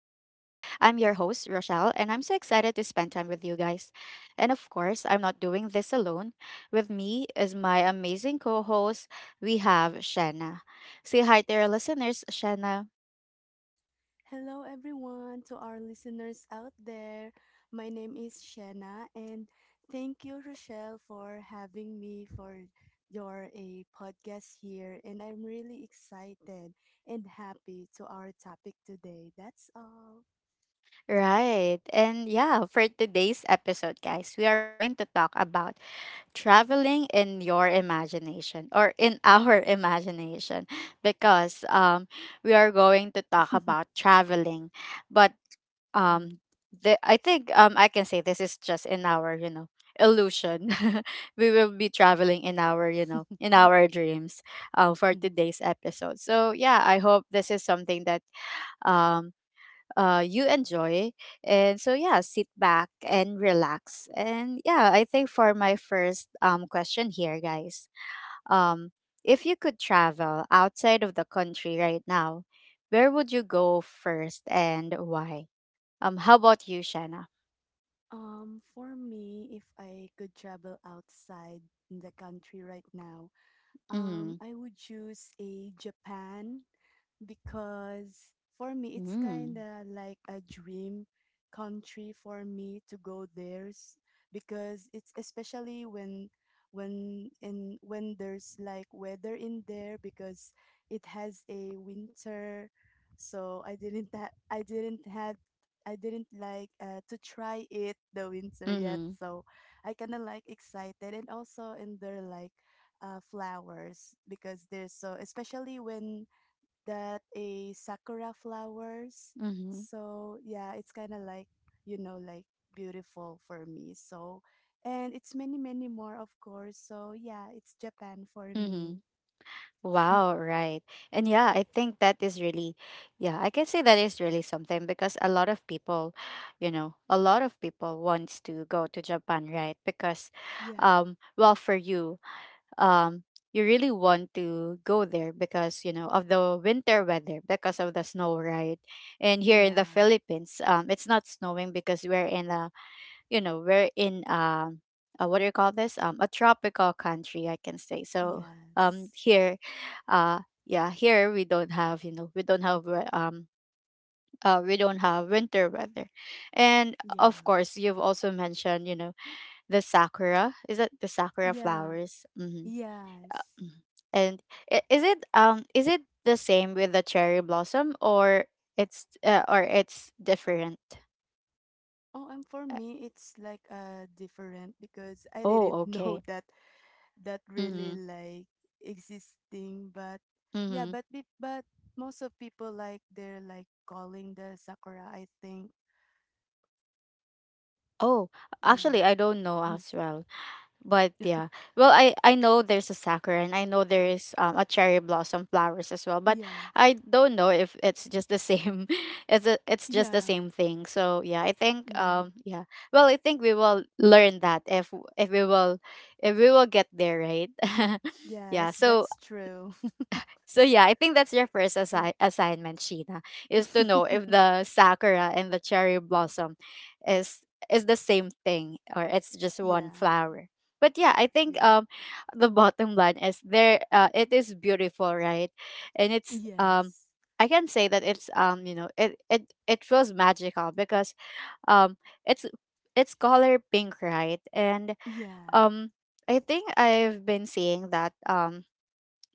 host, Rochelle, and I'm so excited to spend time with you guys. And of course, I'm not doing this alone. With me is my amazing co host, we have Shanna. Say hi to our listeners, Shanna. Hello, everyone, to our listeners out there. My name is Shanna, and thank you, Rochelle, for having me for your a podcast here. And I'm really excited and happy to our topic today. That's all. Right. And yeah, for today's episode, guys, we are going to talk about traveling in your imagination or in our imagination, because we are going to talk about traveling, but um, I think, I can say this is just in our illusion. We will be traveling in our dreams for today's episode, so yeah, I hope this is something that um, you enjoy. And so, yeah, sit back and relax. And yeah, I think for my first question here, guys, um, if you could travel outside of the country right now, where would you go first and why? How about you, Shanna? For me, if I could travel outside the country right now, Mm-hmm. I would choose a Japan because for me it's kind Mm-hmm. of like a dream country for me to go there because it's especially when in when there's like weather in there because it has a winter. So I didn't ha- I didn't have I didn't like to try it the winter yet, so I kind of like excited, and also in their like flowers, because there's so especially when that a sakura flowers. Mm-hmm. So yeah, it's kind of like like beautiful for me. So and it's many many more of course. So yeah, it's Japan for Mm-hmm. me. Wow, right. And yeah, I think that is really, yeah, I can say that is really something because a lot of people, you know, a lot of people wants to go to Japan, right? Because, Yeah. Well, for you, um, you really want to go there because, of the winter weather, because of the snow, right? And here in the Yeah. Philippines, it's not snowing because we're in a, we're in, what do you call this, a tropical country, I can say. So Yes. here, uh yeah, here we don't have, we don't have winter weather. And Yeah. of course, you've also mentioned, the sakura, is it the sakura Yeah. flowers? Mm-hmm. Yes. Mm-hmm. And is it the same with the cherry blossom, or it's, or it's different? Oh, and for Uh, me, it's like different, because I didn't oh, know okay. that really Mm-hmm. like existing. But yeah, Mm-hmm. but most of people like they're like calling the sakura, I think. Oh, Yeah. actually, I don't know Mm. as well. But yeah, well, I know there's a sakura, and I know there is, a cherry blossom flowers as well. But Yeah, I don't know if it's just the same. It's just the yeah. same thing. So yeah, I think, Mm. Yeah. Well, I think we will learn that if we will if we will get there, right? Yeah. Yes, So, that's true. Yeah, I think that's your first assignment, Sheena, is to know if the sakura and the cherry blossom is is the same thing, or it's just one Yeah. flower. But yeah, I think, Yeah. The bottom line is there, it is beautiful, right? And it's, Yes. I can say that it's, it feels magical, because, um it's it's color pink, right? And, Yeah. um I think I've been seeing that,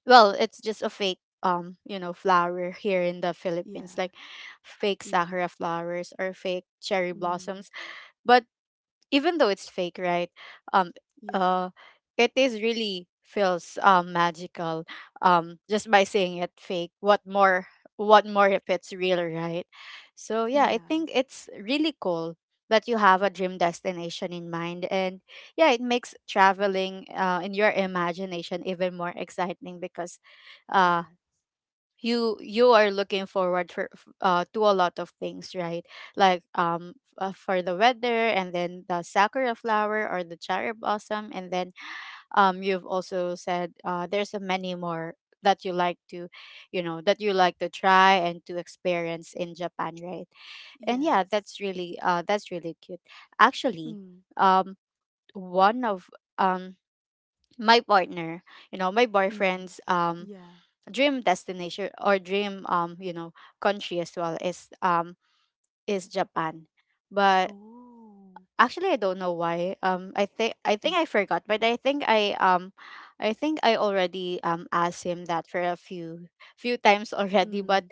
well, it's just a fake, flower here in the Yeah. Philippines, like fake Yeah. sakura flowers or fake cherry Mm. blossoms. But even though it's fake, right? Um, Yeah. uh, it is really feels, magical. Just by saying it fake. What more? What more if it's real, right? So yeah, I Yeah. think it's really cool that you have a dream destination in mind, and yeah, it makes traveling, in your imagination, even more exciting because, uh, Yeah. you are looking forward to a lot of things, right? Like, for the weather, and then the sakura flower or the cherry blossom, and then, you've also said, there's a many more that you like to you know that you like to try and to experience in Japan, right? And yeah, Yes. That's really cute, actually. Mm. um one of um my partner, my Mm. boyfriend's, Yeah. dream destination or dream, country as well, is Japan. But Oh. actually I don't know why. I think I forgot, but I think I already, asked him that for a few times already, Mm. but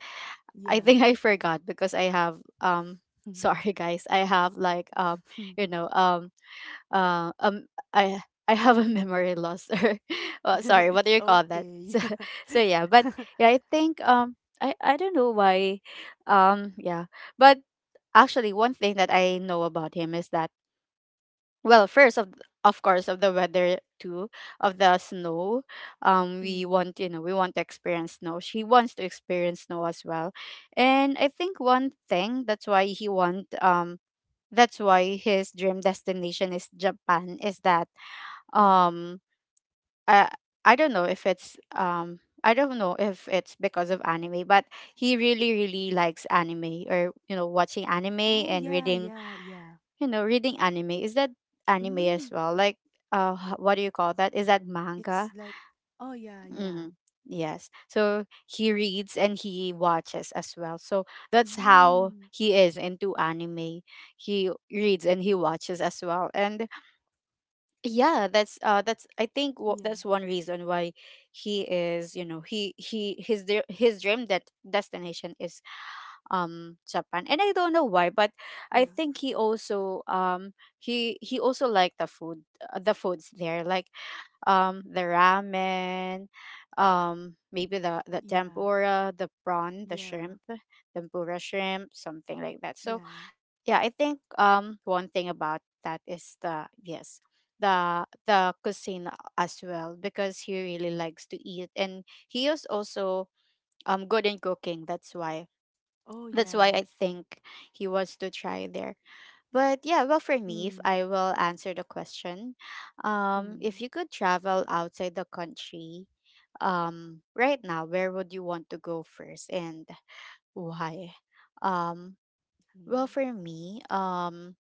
I Yeah. think I forgot because I have, sorry guys, I have like, you know um uh, um I I have a memory loss, or well, Yeah, sorry, what it's do you call that? okay. So, yeah, but yeah, I think, I don't know why, yeah, but actually one thing that I know about him is that, well, first of course, of the weather too, of the snow. Um we Mm, want, you know, we want to experience snow. She wants to experience snow as well. And I think one thing that's why he want, that's why his dream destination is Japan, is that, yeah. um I I don't know if it's I don't know if it's because of anime, but he really really likes anime, or, watching anime, Oh and yeah, reading yeah, yeah. you know reading anime, is that anime as Mm, well, like, what do you call that, is that it's manga? like oh yeah, yeah. Mm, yes. So he reads and he watches as well. So that's how Mm, he is into anime. He reads and he watches as well, and yeah, that's, I think, wha- yeah, that's one reason why he is you know he his dr- his dream that destination is, Japan. And I don't know why, but I yeah, think he also, he also liked the food, the foods there, like, the ramen, maybe the yeah, tempura, the prawn, the yeah, shrimp tempura, shrimp, something like that. So yeah. yeah, I think, one thing about that is the yes, the cuisine as well, because he really likes to eat, and he is also, good in cooking. That's why, Oh yeah. I think, he wants to try there. But yeah, well, for me, if Mm, I will answer the question, mm, if you could travel outside the country, right now, where would you want to go first, and why? um well, mm. for me,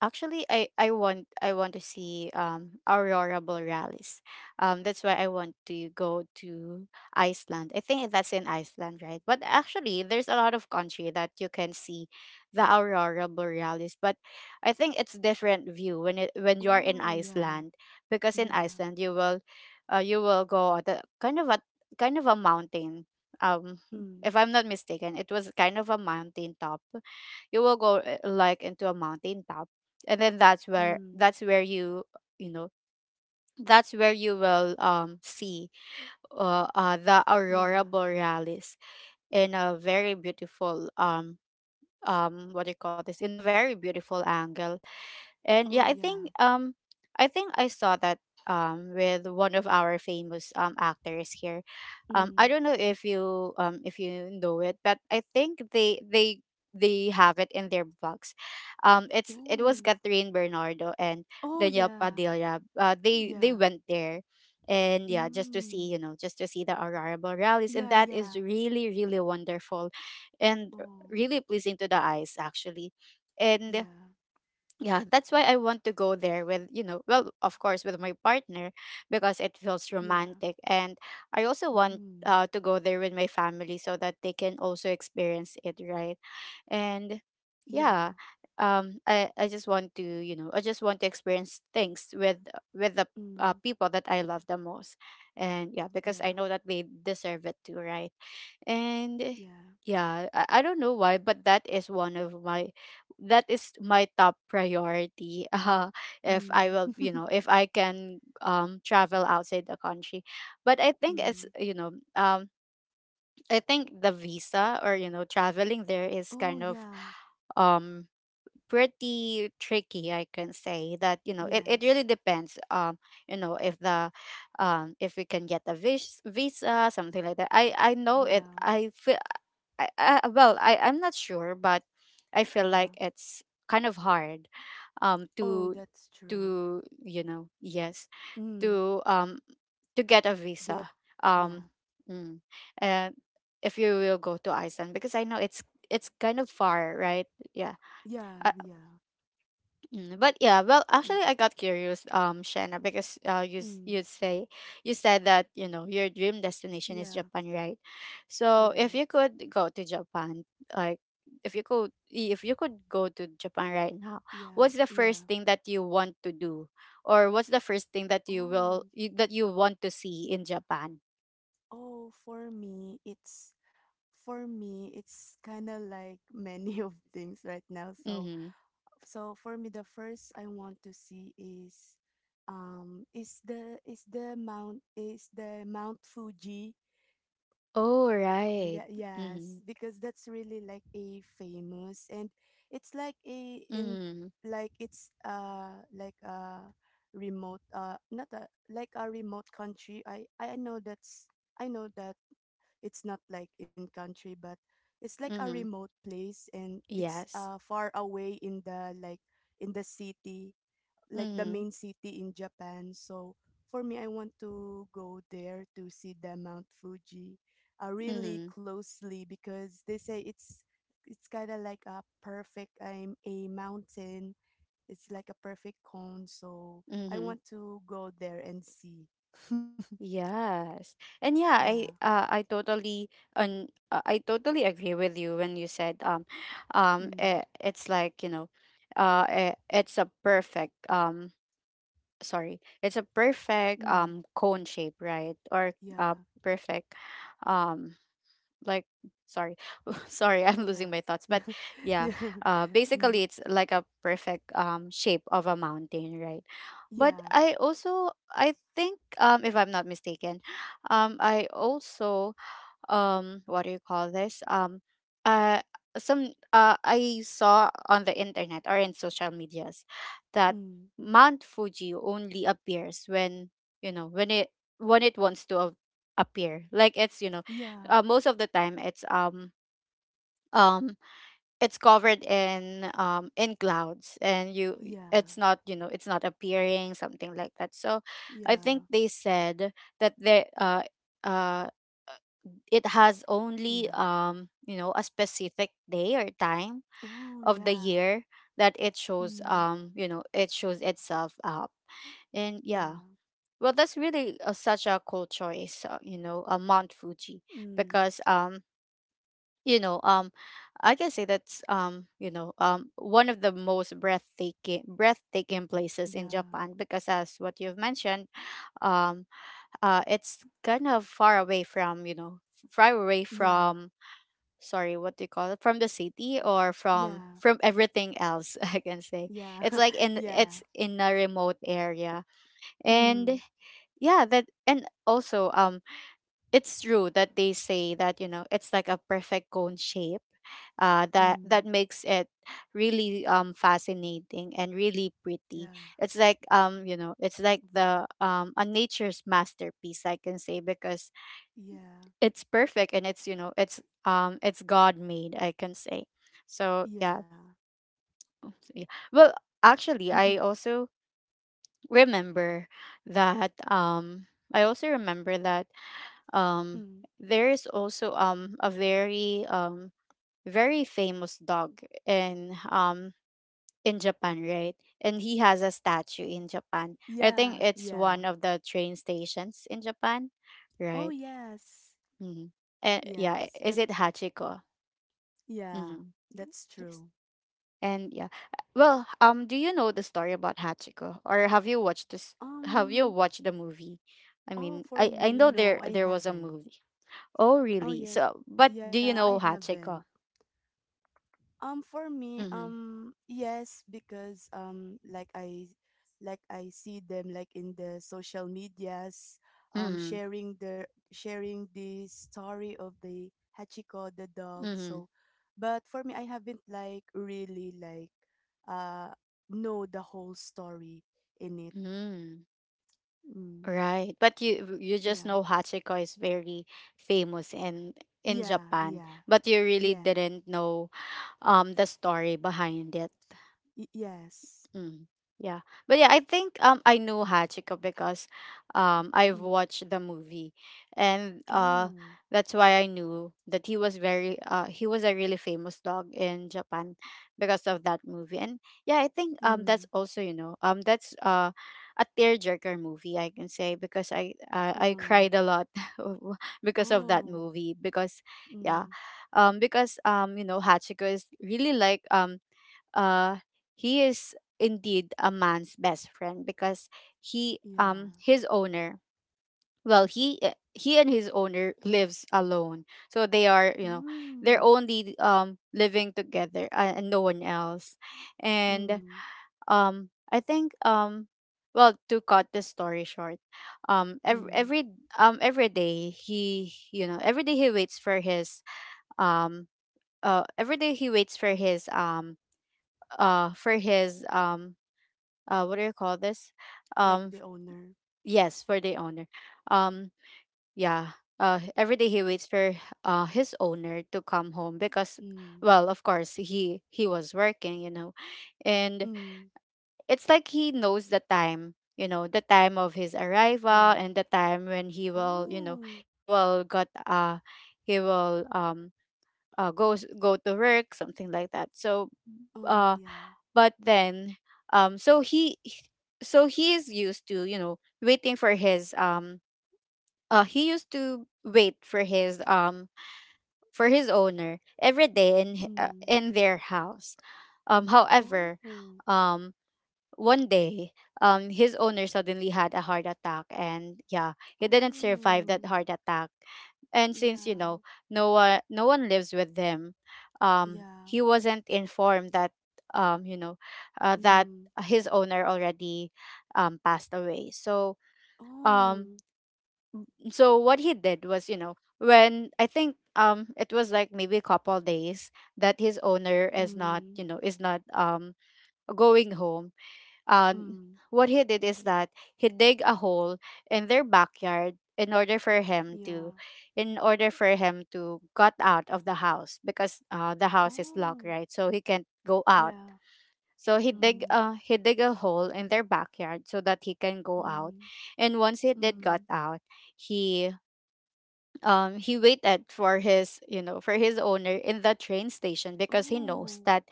actually, I want to see, aurora borealis. That's why I want to go to Iceland. I think that's in Iceland, right? But actually, there's a lot of country that you can see the aurora borealis. But I think it's different view when you are in Oh yeah, Iceland, because in yeah. Iceland you will go at a kind of a kind of a mountain. Um, if Mm, I'm not mistaken, it was kind of a mountain top, you will go, like, into a mountain top, and then mm, that's where you know that's where you will, see, the aurora yeah. borealis, in a very beautiful, what do you call this, in a very beautiful angle. And yeah, Oh I think, yeah. I saw that, with one of our famous, actors here. I Mm. don't know if you, if you know it, but I think they have it in their books. It Oh. was Catherine Bernardo and Oh Daniel yeah. Padilla. They Yeah. went there, and yeah, just to see you Mm. know just to see the aurora borealis, and Yeah, that is yeah. really really wonderful, and Oh. really pleasing to the eyes, actually. And Yeah. yeah, that's why I want to go there with, well, of course, with my partner, because it feels Yeah. romantic, and I also want, Mm. To go there with my family, so that they can also experience it, right? And yeah, Yeah. I just want to you know I just want to experience things with, the, Mm. people that I love the most. And yeah, because I Yeah. know that they deserve it too, right. And, Yeah. yeah, I don't know why, but that is my top priority if I Mm. will, if I can, travel outside the country. But I think it's, Mm. I think the visa, or, traveling there is Oh, kind of, yeah. um pretty tricky, I can say that. It really Yes. depends, if the, if we can get a visa, something like that. I know it, Yeah. I feel, I well, I'm not sure, but I feel Yeah. like it's kind of hard, Oh, to, that's true. Yes, Mm. to um to get a Get. visa, um Yeah. mm, and if you will go to Iceland, because I know, it's kind of far, right? Yeah. Yeah. Yeah. But yeah, well, Mm. actually, I got curious, Shanna, because, Mm, you said that, your dream destination is yeah. Japan, right? So if Yeah. you could go to Japan, like, if you could go to Japan right now, Yeah. what's the Yeah. first thing that you want to do, or what's the first thing that Oh. That you want to see in Japan? Oh, for me, it's kind of like many of things right now. So, Mm-hmm. So for me, the first I want to see is the Mount Fuji. Oh, Yeah, right. yes, Mm-hmm. because that's really like a famous, and it's like a in Mm-hmm. like it's like a remote not a like a remote country. I know that's I know that it's not like in country, but it's like a Mm-hmm. remote place, and it's Yes. Far away in the city, like the Mm-hmm. main city in Japan. So for me, I want to go there to see the Mount Fuji, really Mm-hmm. closely, because they say it's kind of like a perfect a mountain. It's like a perfect cone. So I Mm-hmm. want to go there and see. Yes. And yeah, Yeah. I uh, I totally and uh, I totally agree with you when you said Mm. It's like, it's a perfect Mm. Cone shape, right? Or Yeah. uh perfect um like sorry sorry i'm Yeah. losing my thoughts but Yeah. yeah Yeah. Mm. basically it's like a perfect shape of a mountain, right? But Yeah. I also, I think, if I'm not mistaken, I also what do you call this uh some I saw on the internet or in social medias that Mm. Mount Fuji only appears when, you know, when it wants to appear, like it's, you know, Yeah. Most of the time um it's covered in clouds and you, Yeah. it's not, you know, it's not appearing, something like that. So I think Yeah. they said that they uh it has only, Yeah. You know, a specific day or time Oh, of the yeah. year that it shows, Mm, you know, it shows itself up. And yeah, yeah. well, that's really such a cool choice, you know, Mount Fuji. Mm, Because you know um I can say that's, you know, one of the most breathtaking places in yeah. Japan, because as what you've mentioned, um it's kind of far away from, you know, far away Yeah. from, sorry, what do you call it, from the city L or from yeah. from everything else, I can say. Yeah. It's like in Yeah. it's in a remote area. And Mm, yeah, that, and also, it's true that they say that, you know, it's like a perfect cone shape that mm, makes it really fascinating and really pretty. yeah. It's like, you know, it's like the a nature's masterpiece, I can say, because Yeah. it's perfect and it's, you know, it's, it's god made, I can say. So yeah. Yeah. So, yeah. Well, actually, remember that um I also remember that, um Mm, there is also a very very famous dog in um in Japan, right? And he has a statue in Japan. I think yeah. it's Yeah. one of the train stations in Japan, Oh, right? yes. Mm-hmm. And yeah, Yes. is That, it Hachiko? yeah. Mm-hmm. That's Yes. true. And yeah, well, do you know the story about Hachiko? Or have you watched this have you Um, watched the movie? I mean, oh, I for I me, know there no, I there was a haven't. movie. Oh, Oh, really? yes. So, but do Yeah, you I know haven't. Hachiko? For me, Mm-hmm. Yes, because like I see them like in the social medias, Mm-hmm. sharing the story of the Hachiko the dog. Mm-hmm. So, but for me, I haven't like really like, uh, know the whole story in it. Mm. Mm, Right. But you just yeah, know Hachiko is very famous in yeah, Japan, yeah, but you really yeah, didn't know the story behind it. Yes. Mm. Yeah. But yeah, I think, I know Hachiko because I've Mm. watched the movie. And Oh, that's why I knew that he was very he was a really famous dog in Japan because of that movie. And yeah, I think, that's mm. also, you know, that's a tearjerker movie, I can say, because I Oh, cried a lot because of that oh. movie. Because yeah, Mm. Because, you know, Hachiko is really like, uh he is indeed a man's best friend. Because he Yeah. His owner, well, he and his owner lives alone, so they are, you know, they're Mm, only living together, and no one else. And mm, I think well, to cut the story short, um every, mm. every every day he, you know, every day he waits for his, um every day he waits for his, for his, what do you call this, Like um f- the owner. yes, for the owner. um yeah, every day he waits for his owner to come home. Because, Mm, well, of course he was working, you know. And mm. it's like he knows the time, you know, the time of his Yeah. arrival and the time when he will, you know, Oh. he will got he will, go go to work, something like that. So Oh, uh yeah. but then, so so he is used to, you know, waiting for his, he used to wait for his, for his owner every day in Mm. in their house. However, Oh. um one day, his owner suddenly had a heart attack, and yeah, he didn't survive that Oh. heart attack. And since, you Yeah. know, no one lives with him. Yeah. He wasn't informed that, you know, that Mm. his owner already, passed away. So, Oh. um, so what he did was, you know, when I think, it was like maybe a couple days that his owner is not, Mm. you know, is not, going home. uh, Mm. what he did is that he dig a hole in their backyard in order for him to, Yeah. in order for him to got out of the house. Because the house is Oh. locked, right? So he can't go out. Yeah. So Mm. He dig a hole in their backyard so that he can go out. Mm. And once he did got Mm. out, he he waited for his, you know, for his owner in the train station. Because he knows Oh. that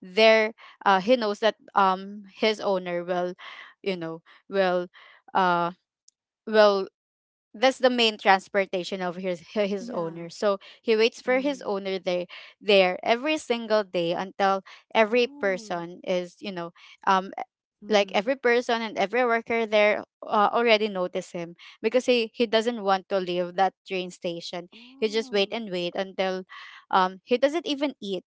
there he knows that his owner will, you know, will uh will that's the main transportation of his his Yeah. owner. So he waits for his Mm. owner there, there every single day, until every Oh. person is, you know, um e- like every Mm. person and every worker there, already notice him. Because he doesn't want to leave that train station. He just wait Oh. and wait until, um he doesn't even eat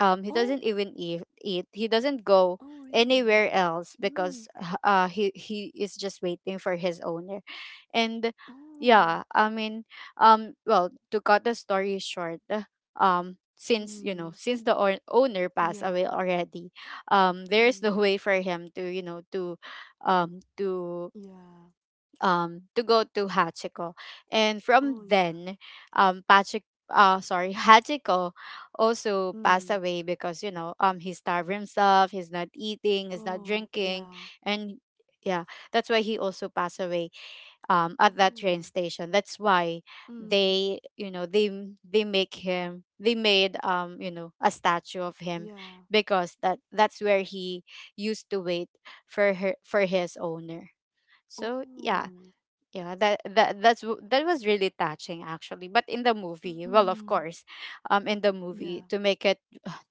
he Oh. doesn't even eat, he doesn't go Oh, really? anywhere else. Mm. Because he is just waiting for his owner. And Oh. yeah, I mean, well, to cut the story short, since, you know, Mm. since the owner passed Yeah. away already, there's Mm. no way for him to, you know, um to Yeah. To go to Hachiko. And from Oh, yeah. then, Pachik sorry, Hachiko also passed Mm. away because, you know, he starved himself, he's not eating, he's not Oh, drinking, yeah. and yeah, that's why he also passed away at that train Oh. station. That's why Mm. they, you know, they make him they made, you know, a statue of him. Yeah. Because that's where he used to wait for her, for his owner. So yeah, Oh. yeah, that's that was really touching, actually. But in the movie, well, Mm. of course, in the Yeah. movie, to make it,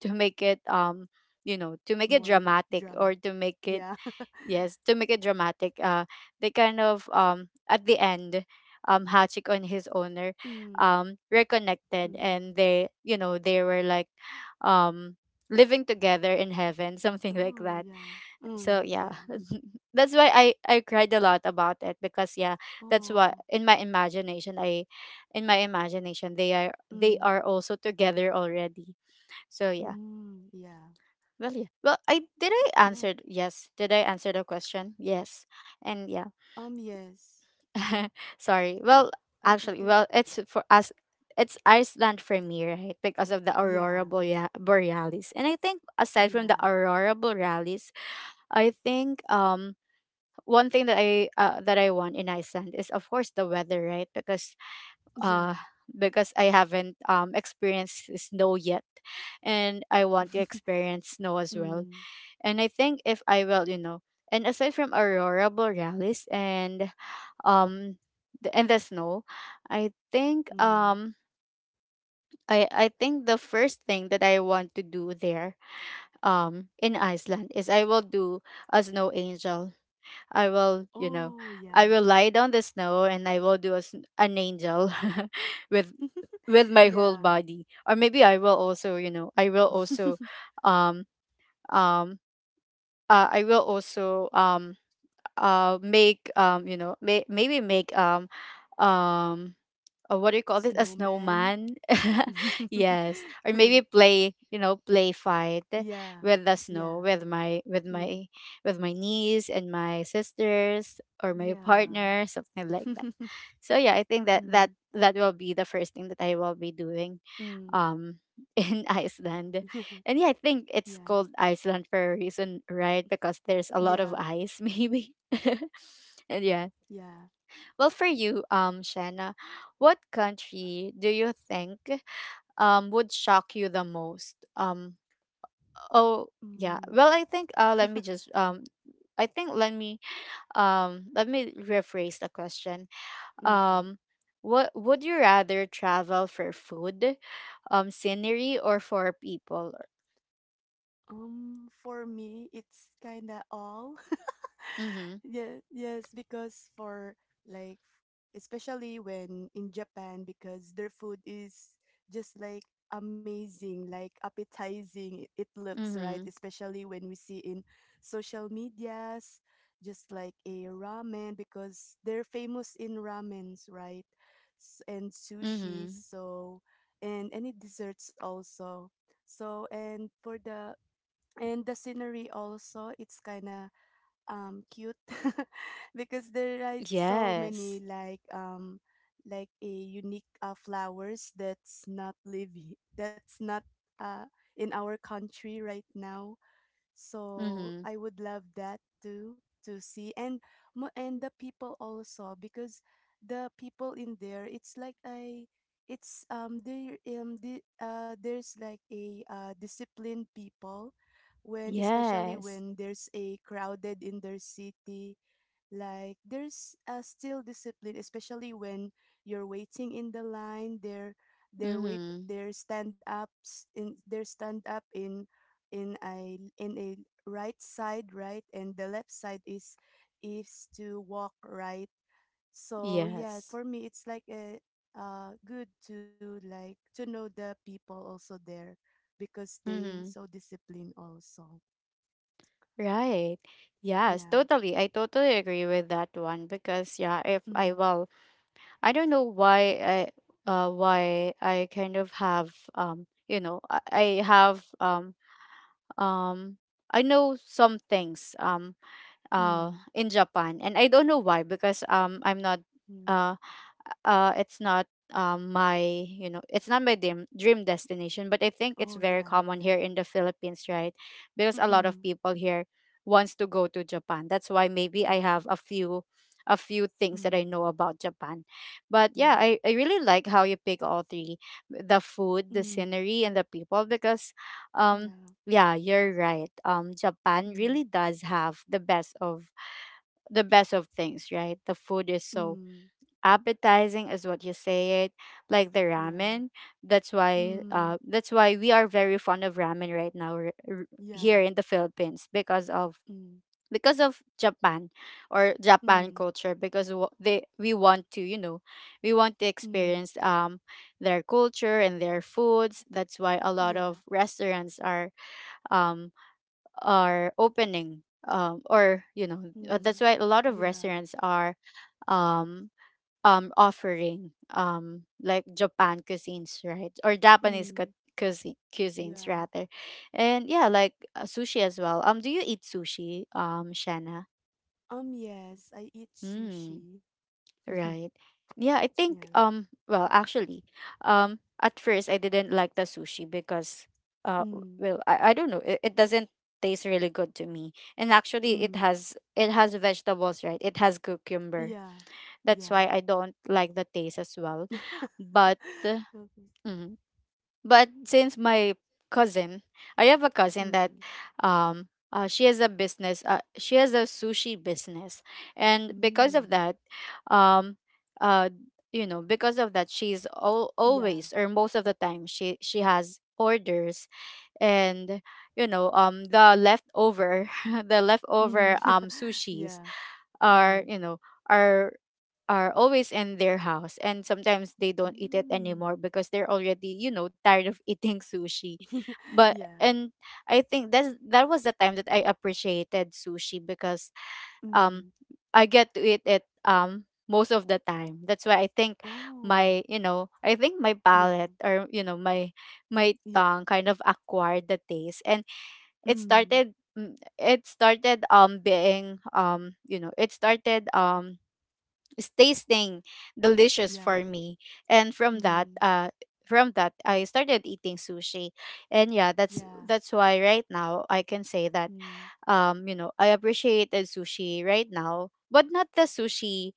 to make it, you know, to make it More dramatic, or drama. to make it, Yeah. yes, to make it dramatic. They kind of, at the end, Hachik and his owner, Mm. Reconnected, Mm. and they, you know, they were like, um, living together in heaven, something like Oh, that. yeah. So Mm. yeah, Yeah. that's why I cried a lot about it. Because yeah, that's what Oh. in my imagination, I in my imagination they are, they Mm. are also together already. So yeah. Mm. Yeah. Well, yeah, well, I Yeah. answered yes, did I answer the question? Yes. And yeah. Yes. Sorry. Well, I actually, think. well, it's for us, it's Iceland for me, right? Because of the Yeah. Borealis. And I think aside from Yeah. the aurora borealis, I think, one thing that I want in Iceland is of course the weather, right? Uh Yeah. because I haven't experienced snow yet, and I want to experience snow as well. Mm, And I think, if I will, you know, and aside from aurora borealis and, um and the snow, I think, mm. I think the first thing that I want to do there, in Iceland, is I will do a snow angel. I will, you know, Oh, I will yeah. lie down the snow and I will do a, an angel with with my whole Yeah. body. Or maybe I will also, you know, I will also, um um I will also, make, you know, maybe make, um what do you A call this? A snowman. snowman. Yes. Or maybe play, you know, play fight Yeah. with the snow Yeah. with Yeah. My niece and my sisters or my Yeah. partner, something like that. So yeah, I think that Mm, will be the first thing that I will be doing, mm. um in Iceland. And yeah, I think it's Yeah. called Iceland for a reason, right? Because there's a lot of Yeah. ice maybe. And yeah. Yeah. Well, for you, Shanna, what country do you think would shock you the most? Oh yeah. Mm. Well, I think, let me just, I think let me, let me rephrase the question. Um, Okay. what would you rather travel for? Food, scenery, or for people? For me, it's kinda all. Mm-hmm. Yeah, yes, because for like, especially when in Japan, because their food is just like amazing, like appetizing. It looks right, Mm-hmm. especially when we see in social medias, just like a ramen, because they're famous in ramens, right? And sushi, Mm-hmm. so, and any desserts also. So, and for the and the scenery also, it's kind of cute because there are so many Yes. Like a unique flowers that's not living, that's not uh in our country right now, so Mm-hmm. I would love that too, to see. And and the people also, because the people in there, it's like I, it's there the, there's like a disciplined people, when especially Yes. when there's a crowded in their city, like there's still discipline, especially when you're waiting in the line. Their wait Mm-hmm. their stand ups, in their stand up in in a right side, right, and the left side is to walk right. So yeah, Yes. for me it's like a good to like, to know the people also there, because they Mm-hmm. so disciplined also. Right. Yes, Yeah. totally. I totally agree with that one because yeah, if I, Mm, well, I don't know why I kind of have, I have, um I know some things, mm, in Japan, and I don't know why because I'm not, mm. uh it's not, my it's not my dream destination, but I think it's Oh very yeah, common yeah. here in the Philippines, right? Because a lot of Mm. people here wants to go to Japan. That's why maybe I have Yeah. a few, things that I Mm. know about Japan. But yeah, I, Yeah. I really like how you pick all three: the food, the Mm. scenery, and the people. Because um Yeah. yeah, you're right. Japan really Mm. does have the best of things, right? The food is so Mm. appetizing, is what you say it, like the ramen. Yeah. That's why, Mm. We are very fond of ramen right now, here Yeah. in the Philippines because of, Mm. Japan, or Japan Mm. culture, because wa- they we want to you know we want to Mm. experience their culture and their foods. That's why a lot of Yeah. restaurants are, um opening, or you know that's Mm. why a lot of Yeah. restaurants are, um offering, like Japan cuisines, right? Or Japanese Mm. Cuisines, Yeah. rather. And yeah, like, sushi as well. Do you eat sushi, Shanna? Yes, I eat Hmm. sushi. Right. Yeah, I think, Yeah. Well, actually, at first I didn't like the sushi because Mm. well, I don't know, it doesn't taste really good to me. And actually it Mm. has it has vegetables, right? It has cucumber. Yeah. That's Yeah. why I don't like the taste as well. but uh, Okay. mm, but since my cousin, I have a cousin that, Mm. um she has a business. She has a sushi business, and because of Mm. that, um uh she's, always, Yeah. or most of the time, she has orders. And you know, the leftover the leftover, Mm. Sushis Yeah. are, Mm. you know, are are always in their house, and sometimes they don't eat it Mm. anymore because they're already, you know, tired of eating sushi. but Yeah. and I think that was the time that I appreciated sushi, because um Mm. I get to eat it, most of the time. That's why I think, my Oh, you know I think my yeah, palate, or you know, my tongue yeah. kind of acquired the taste. And it Mm, started, it started, being, you know, it started, it's tasting delicious for yeah, me. And from that mm, uh from that I started eating sushi. And yeah, that's yeah, that's why right now I can say that, mm, you know, I appreciated sushi right now, but not the sushi.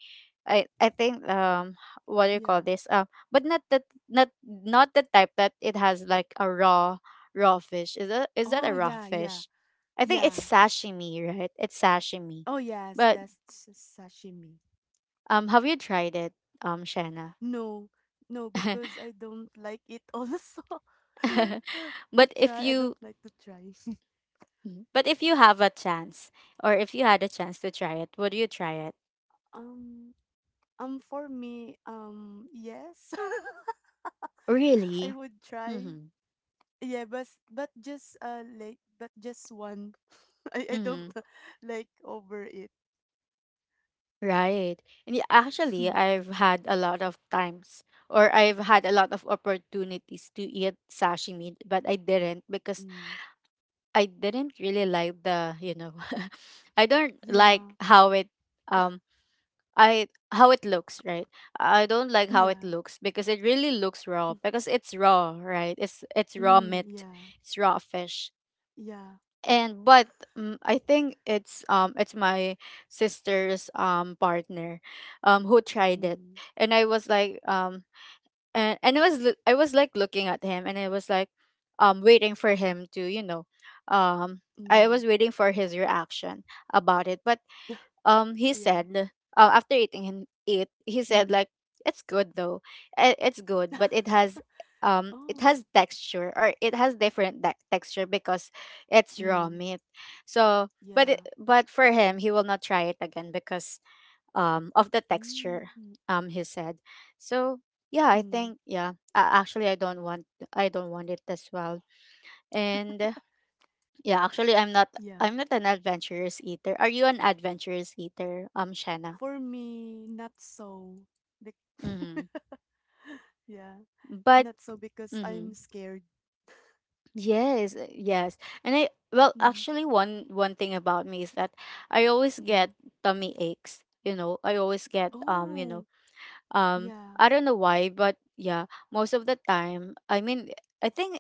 I think, what do you call yeah. this, but not the type that it has, like a raw, raw fish. Is that a Oh, raw yeah, fish? yeah, I think it's yeah. sashimi, right? It's sashimi. Oh, yes, But, that's sashimi. Have you tried it, Shanna? No, no, because I don't like it also. To but try, I if don't like you to try. Mhm. But if you have a chance, or if you had a chance to try it, would you try it? um, for me, yes, I Really? would try. Mm-hmm. Yeah, but just like, but just one. I don't Mm-hmm. like over it. Right. And yeah, actually, I've had a lot of times, or I've had a lot of opportunities to eat sashimi, but I didn't because Mm. I didn't really like the, you know, I don't Yeah. like how it, um I how it looks, right? I don't like how it Yeah. looks because it really looks Mm. raw, because it's raw, right? It's raw Mm. meat, Yeah. it's raw fish. Yeah. And but I think it's my sister's, partner, who tried it. Mm. And I was like, and I was, I was like looking at him, and I was like, waiting for him to, you know, um I Mm. was waiting for his reaction about it. But, he Yeah. said, after eating, it, he said Mm. like, it's good though. It's good, but it has, Oh. Texture, or it has different, texture, because it's raw Mm. meat, so... But Yeah. but for him, he will not try it again because, of the texture, Mm. He said. So yeah, I Mm. think, yeah, actually, I don't want it as well. And, yeah, actually, Yeah. I'm not an adventurous eater. Are you an adventurous eater, Shanna? For me, not so. Bec- Mhm. yeah. But Not so because I'm Mhm. scared. Yes, yes. And I, well Mm. actually, one thing about me is that I always get Mm. tummy aches, you know. I always get, you know, Oh. um Yeah. I don't know why, but yeah, most of the time, I mean, I think,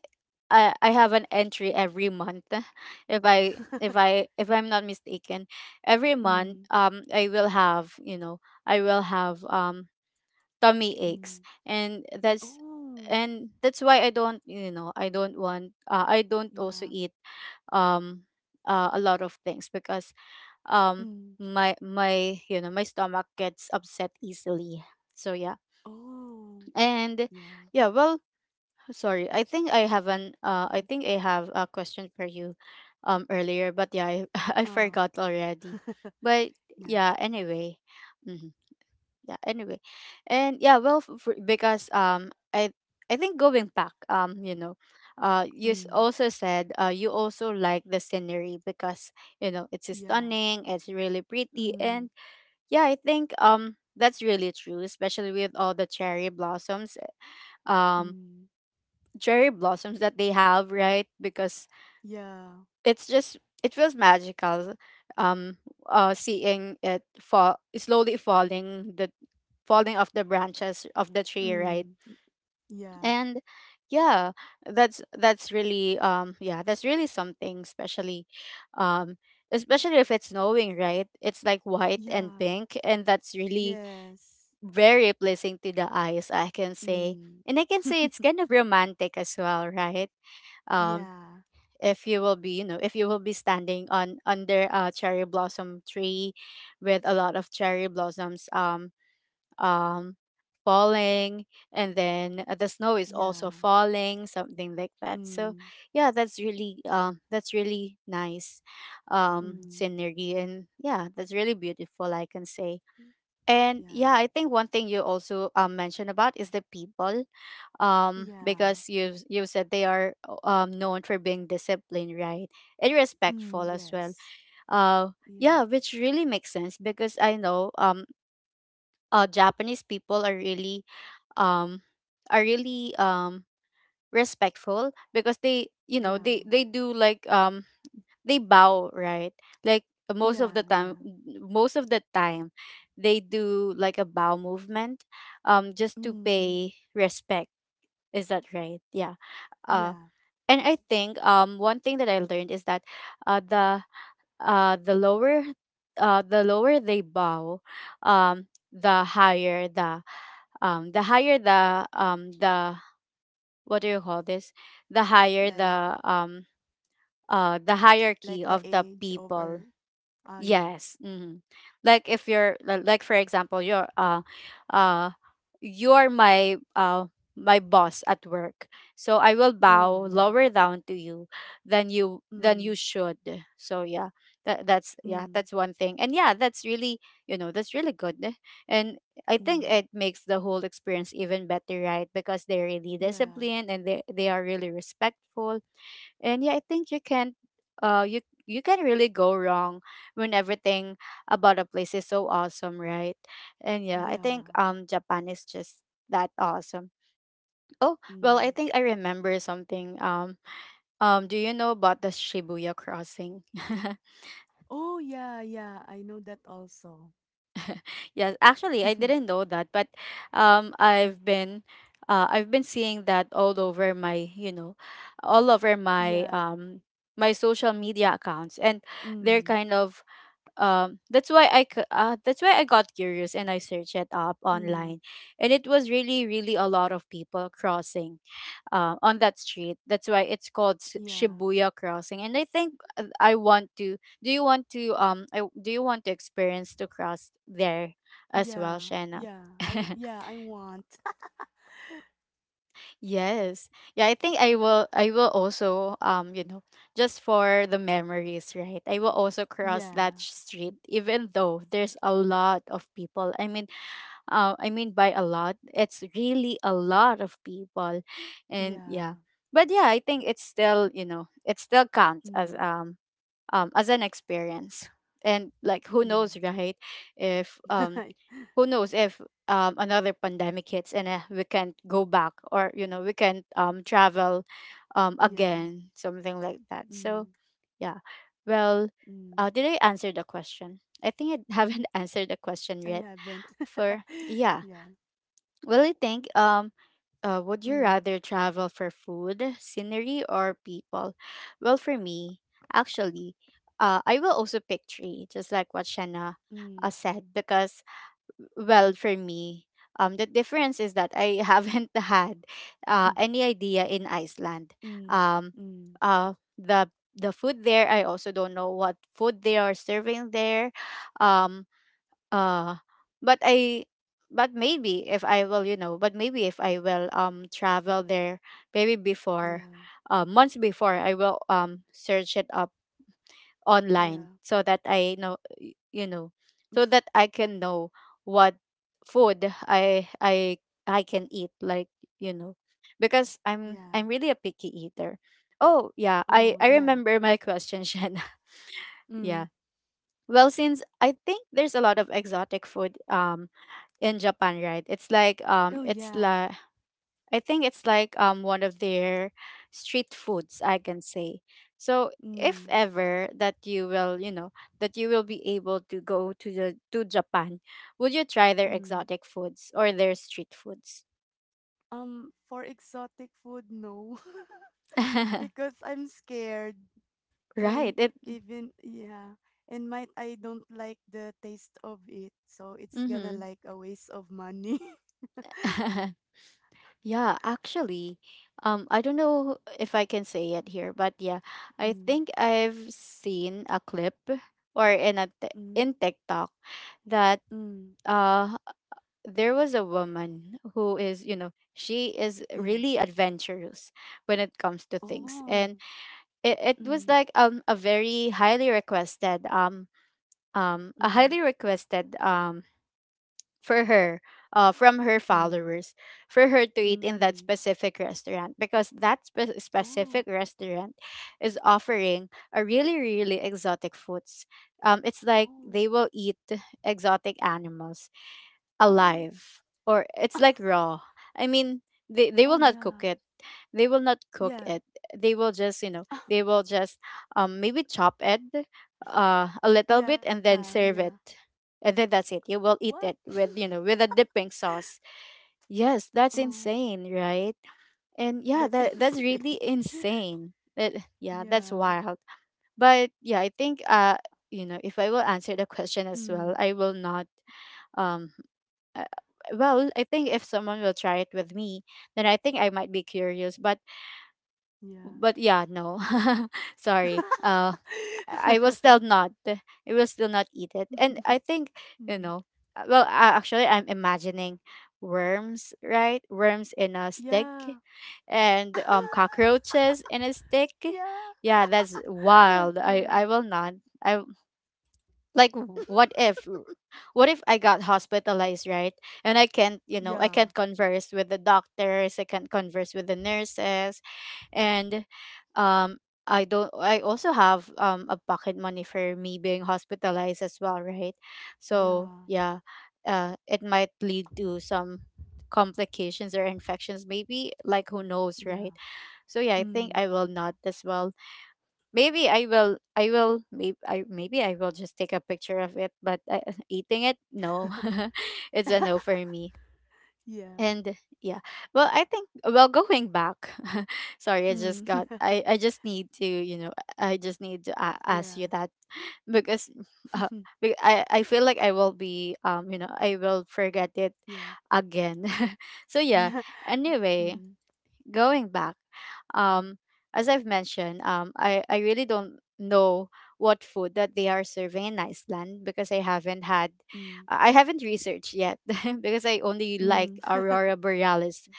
I have an entry every month if I'm not mistaken. Every month, Mm. I will have, you know, I will have, tummy aches. Mm. And that's, Oh. and that's why I don't, you know, I don't want, I don't also Yeah. eat, um a lot of things because, um Mm. my my you know my stomach gets upset easily, so yeah. Oh. And Yeah. yeah, well, sorry, I think I haven't, I Mm. think I have a question for you, earlier, but yeah, I Ah. forgot already. But Yeah. yeah, anyway. Mm-hmm. Yeah, anyway. And yeah, well, f for, because, I think going back, you know, you, Mm. also said, you also like the scenery, because you know it's Yeah. stunning, it's really pretty. Mm. And yeah, I think, that's really true, especially with all the cherry blossoms, um Mm. That they have, right? Because Yeah. it's just, it feels magical. um seeing it fall, slowly falling, the falling off the branches of the tree, right? Mm. Yeah. And yeah, that's really, yeah, that's really something, especially, um especially if it's snowing, right? It's like white and Yeah. pink, and that's really Yes. very pleasing to the eyes, I can say. Mm. And I can say it's kind of romantic as well, right? um Yeah. if you will be, standing on under a cherry blossom tree with a lot of cherry blossoms, um falling, and then, the snow is also Yeah. falling, something like that, so Mm. yeah, that's really, that's really nice, Mm. scenery. And yeah, that's really beautiful, I can say. And yeah, Yeah. I think one thing you also, mentioned about is the people, Yeah. because you said they are, known for being disciplined, right? And Mm, respectful as well. yes. uh Yeah. yeah, which really makes sense because I know, Japanese people are really, um are really um respectful, because they, you know, Yeah. they do like, they bow, right? Like most of Yeah. the time, Yeah. most of the time, they do like a bow movement, just to Mm, pay respect. Is that right? Yeah. Uh, yeah. and I think, one thing that I learned is that, uh the the lower, the lower they bow, um the higher the, the higher the the, what do you call this, the higher Like the, the like hierarchy the of the age of people. Earth. Ah yeah. Yes. Hmm. Like if you're, like for example, you're, uh you're my, my boss at work. So I will Oh bow yeah. lower down to you, than you Mm. should. So yeah. That's, yeah, Mm. that's one thing. And yeah, that's really, you know, that's really good. And I think Mm. it makes the whole experience even better, right? Because they're really Yeah. disciplined, and they are really respectful, and yeah, I think uh you you can really go wrong when everything about a place is so awesome, right? And yeah, I think, Yeah. Japan is just that awesome. Oh, well, Mm. I think I remember something. Do you know about the Shibuya crossing? Oh, yeah, yeah, I know that also. Yes, actually I didn't know that, but, um I've been I've been seeing that all over my, you know, all over my, Yeah. my social media accounts, and they're Mm, kind of, that's why I got curious, and I searched it up mm, online, and it was really, really a lot of people crossing, on that street. That's why it's called, yeah, Shibuya crossing. And I think, I want to do you want to experience to cross there as well, yeah, Shanna? yeah. I yeah, I want. Yes. Yeah, I think, I will also, you know, just for the memories, right? I will also cross that, Yeah, street, even though there's a lot of people. I mean by a lot, it's really a lot of people. And yeah, yeah. But yeah, I think it's still, you know, it still counts as, mm, an experience. And like, who yeah, knows, right? If who knows if another pandemic hits and we can't go back, or you know we can't travel yeah, again, something like that. So mm, yeah. Well, mm. did I answer the question? I think I haven't answered the question I yet. haven't. For yeah, Yeah, well I think would you mm, rather travel for food, scenery, or people? Well, for me, actually, I will also pick three, just like what Shanna mm, said. Because, well, for me, the difference is that I haven't had any idea in Iceland. mm, Um, mm. the the food there, I also don't know what food they are serving there. Um, uh, but I, but maybe if I will, you know, but maybe if I will travel there, maybe before, Yeah, months before, I will search it up online, yeah, so that I know y- you know so that I can know what food I I can eat, like, you know, because I'm yeah. really a picky eater. Oh yeah, I Oh, I yeah. remember my question, Shanna. Mm. Yeah. Well, since I think there's a lot of exotic food in Japan, right? Oh, It's yeah. like I think it's like one of their street foods, I can say. So if Mm, ever that you will, you know, that you will be able to go to the to Japan, would you try their mm. exotic foods or their street foods? For exotic food, no. Because I'm scared, Right. and It even yeah, and might I don't like the taste of it, so it's gonna mhm. like a waste of money. Yeah, actually, I don't know if I can say it here, but yeah, I Mm, think I've seen a clip or in mm, in TikTok that mm, uh there was a woman who is, you know, she is yeah. really adventurous when it comes to things. Oh. And it was Mm, like a mm, highly requested for her from her mm, followers for her to eat in mm. that specific restaurant, because that Oh. specific restaurant is offering a really, really exotic foods. It's like Oh. they will eat exotic animals Oh. alive, or it's like raw. I mean, they Oh will not cook yeah, it. They will not cook yeah. it. They will just, you know, they will just maybe chop it a little bit Yeah. and Yeah. then serve it. And then that's it. You What? will eat it with, you know, with a dipping sauce. Yes, that's Oh. insane, right? And That's yeah, that that's insane. really insane. That yeah, Yeah. that's wild. But yeah, I think you know, if I will answer the question as Mm, well, I will not um uh, well I think if someone will try it with me, then I think I might be curious, yeah. but yeah, no, sorry, I will still not I will still not eat it. And I think, you Mm. know, uh, well uh, actually I'm imagining worms, right? Worms in a stick Yeah. and cockroaches in a stick. Yeah. Yeah, that's wild. i Yeah. i will not. I like, what if, what if I got hospitalized, right? And I can't, you know, I Yeah. can't converse with the doctors, I can't converse with the nurses, and um I don't, I also have a pocket money for me being hospitalized as well, right? So Yeah. yeah, it might lead to some complications or infections, maybe, like, who knows, right? Yeah. So yeah, I think Mm. I will not as well. Maybe I will. I will. Maybe I. Maybe I will just take a picture of it. But eating it, no, it's a no for me. Yeah. And yeah, well, I think. Well, going back, sorry, I Mm. just got. I. I just need to. You know, I just need to ask you Yeah. that, because, uh, I. I feel like I will be. You know, I will forget it Yeah. again. So yeah. Yeah. Anyway, Mm. going back, um, as I've mentioned, I really don't know what food that they are serving in Iceland, because I haven't had, Mm. I haven't researched yet, because I only Mm. like Aurora Borealis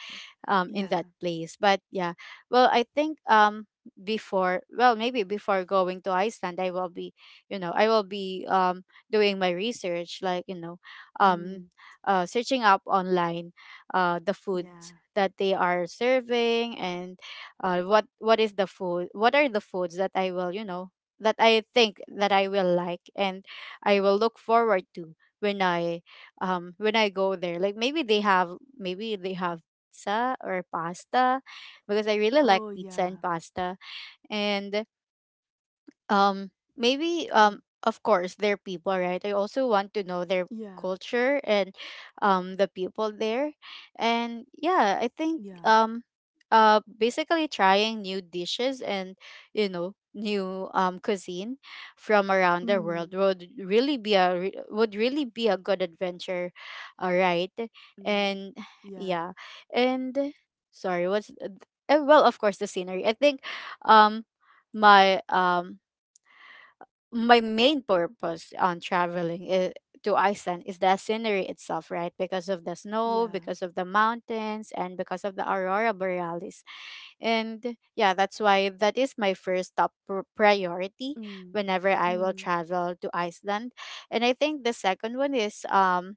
Y- in Yeah. that place. But yeah, well, I think, before, well, maybe before going to Iceland, I will be, you know, I will be doing my research, like, you know, Mm. um, searching up online the food Yeah. that they are serving. And what is the food, what are the foods that I will, you know, that I think that I will like and I will look forward to when I when I go there. Like, maybe they have, maybe they have pizza or pasta, because I Oh, really like yeah. pizza and pasta. And um Yeah. maybe of course their people, right? I also want to know their Yeah. culture and the people there. And yeah, I think Yeah. Basically trying new dishes and, you know, new cuisine from around the Mm. world would really be a would really be a good adventure. All right. Mm. And Yeah. yeah. And sorry, what's well, of course, the scenery. I think um my um my main purpose on traveling to Iceland is the scenery itself, right? Because of the snow, Yeah. because of the mountains, and because of the aurora borealis. And yeah, that's why that is my first top priority Mm. whenever I will Mm. travel to Iceland. And I think the second one is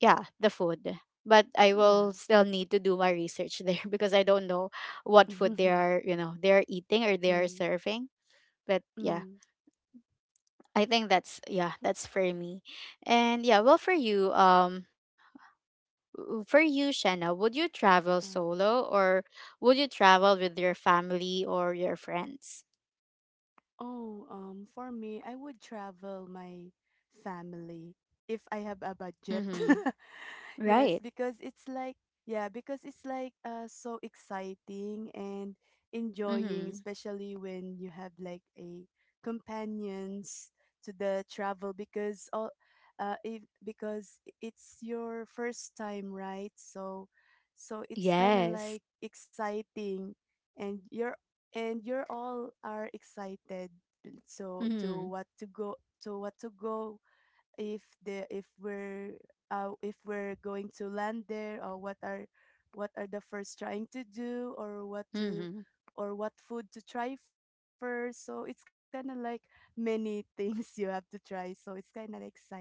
yeah, the food. But I will Yeah. still need to do my research there, because I don't know what food they are, you know, they are eating or they are Mm. serving. But yeah, Mm. I think that's yeah, that's for me. And yeah, well for you, for you, Shanna, would you travel Uh. solo, or would you travel with your family or your friends? Oh, for me, I would travel my family if I have a budget. Mm-hmm. Yes, Right. because it's like, yeah, because it's like so exciting and enjoying, Mm-hmm. especially when you have like a companions to the travel, because all if, because it's your first time, right? So it's kind of Yes. like exciting, and you're all are excited, so to Mm-hmm. what to go, to what to go if the, if we're going to land there, or what are the first trying to do, Mm-hmm. or what food to try first, so it's kind of like many things you have to try, so it's kind of exciting,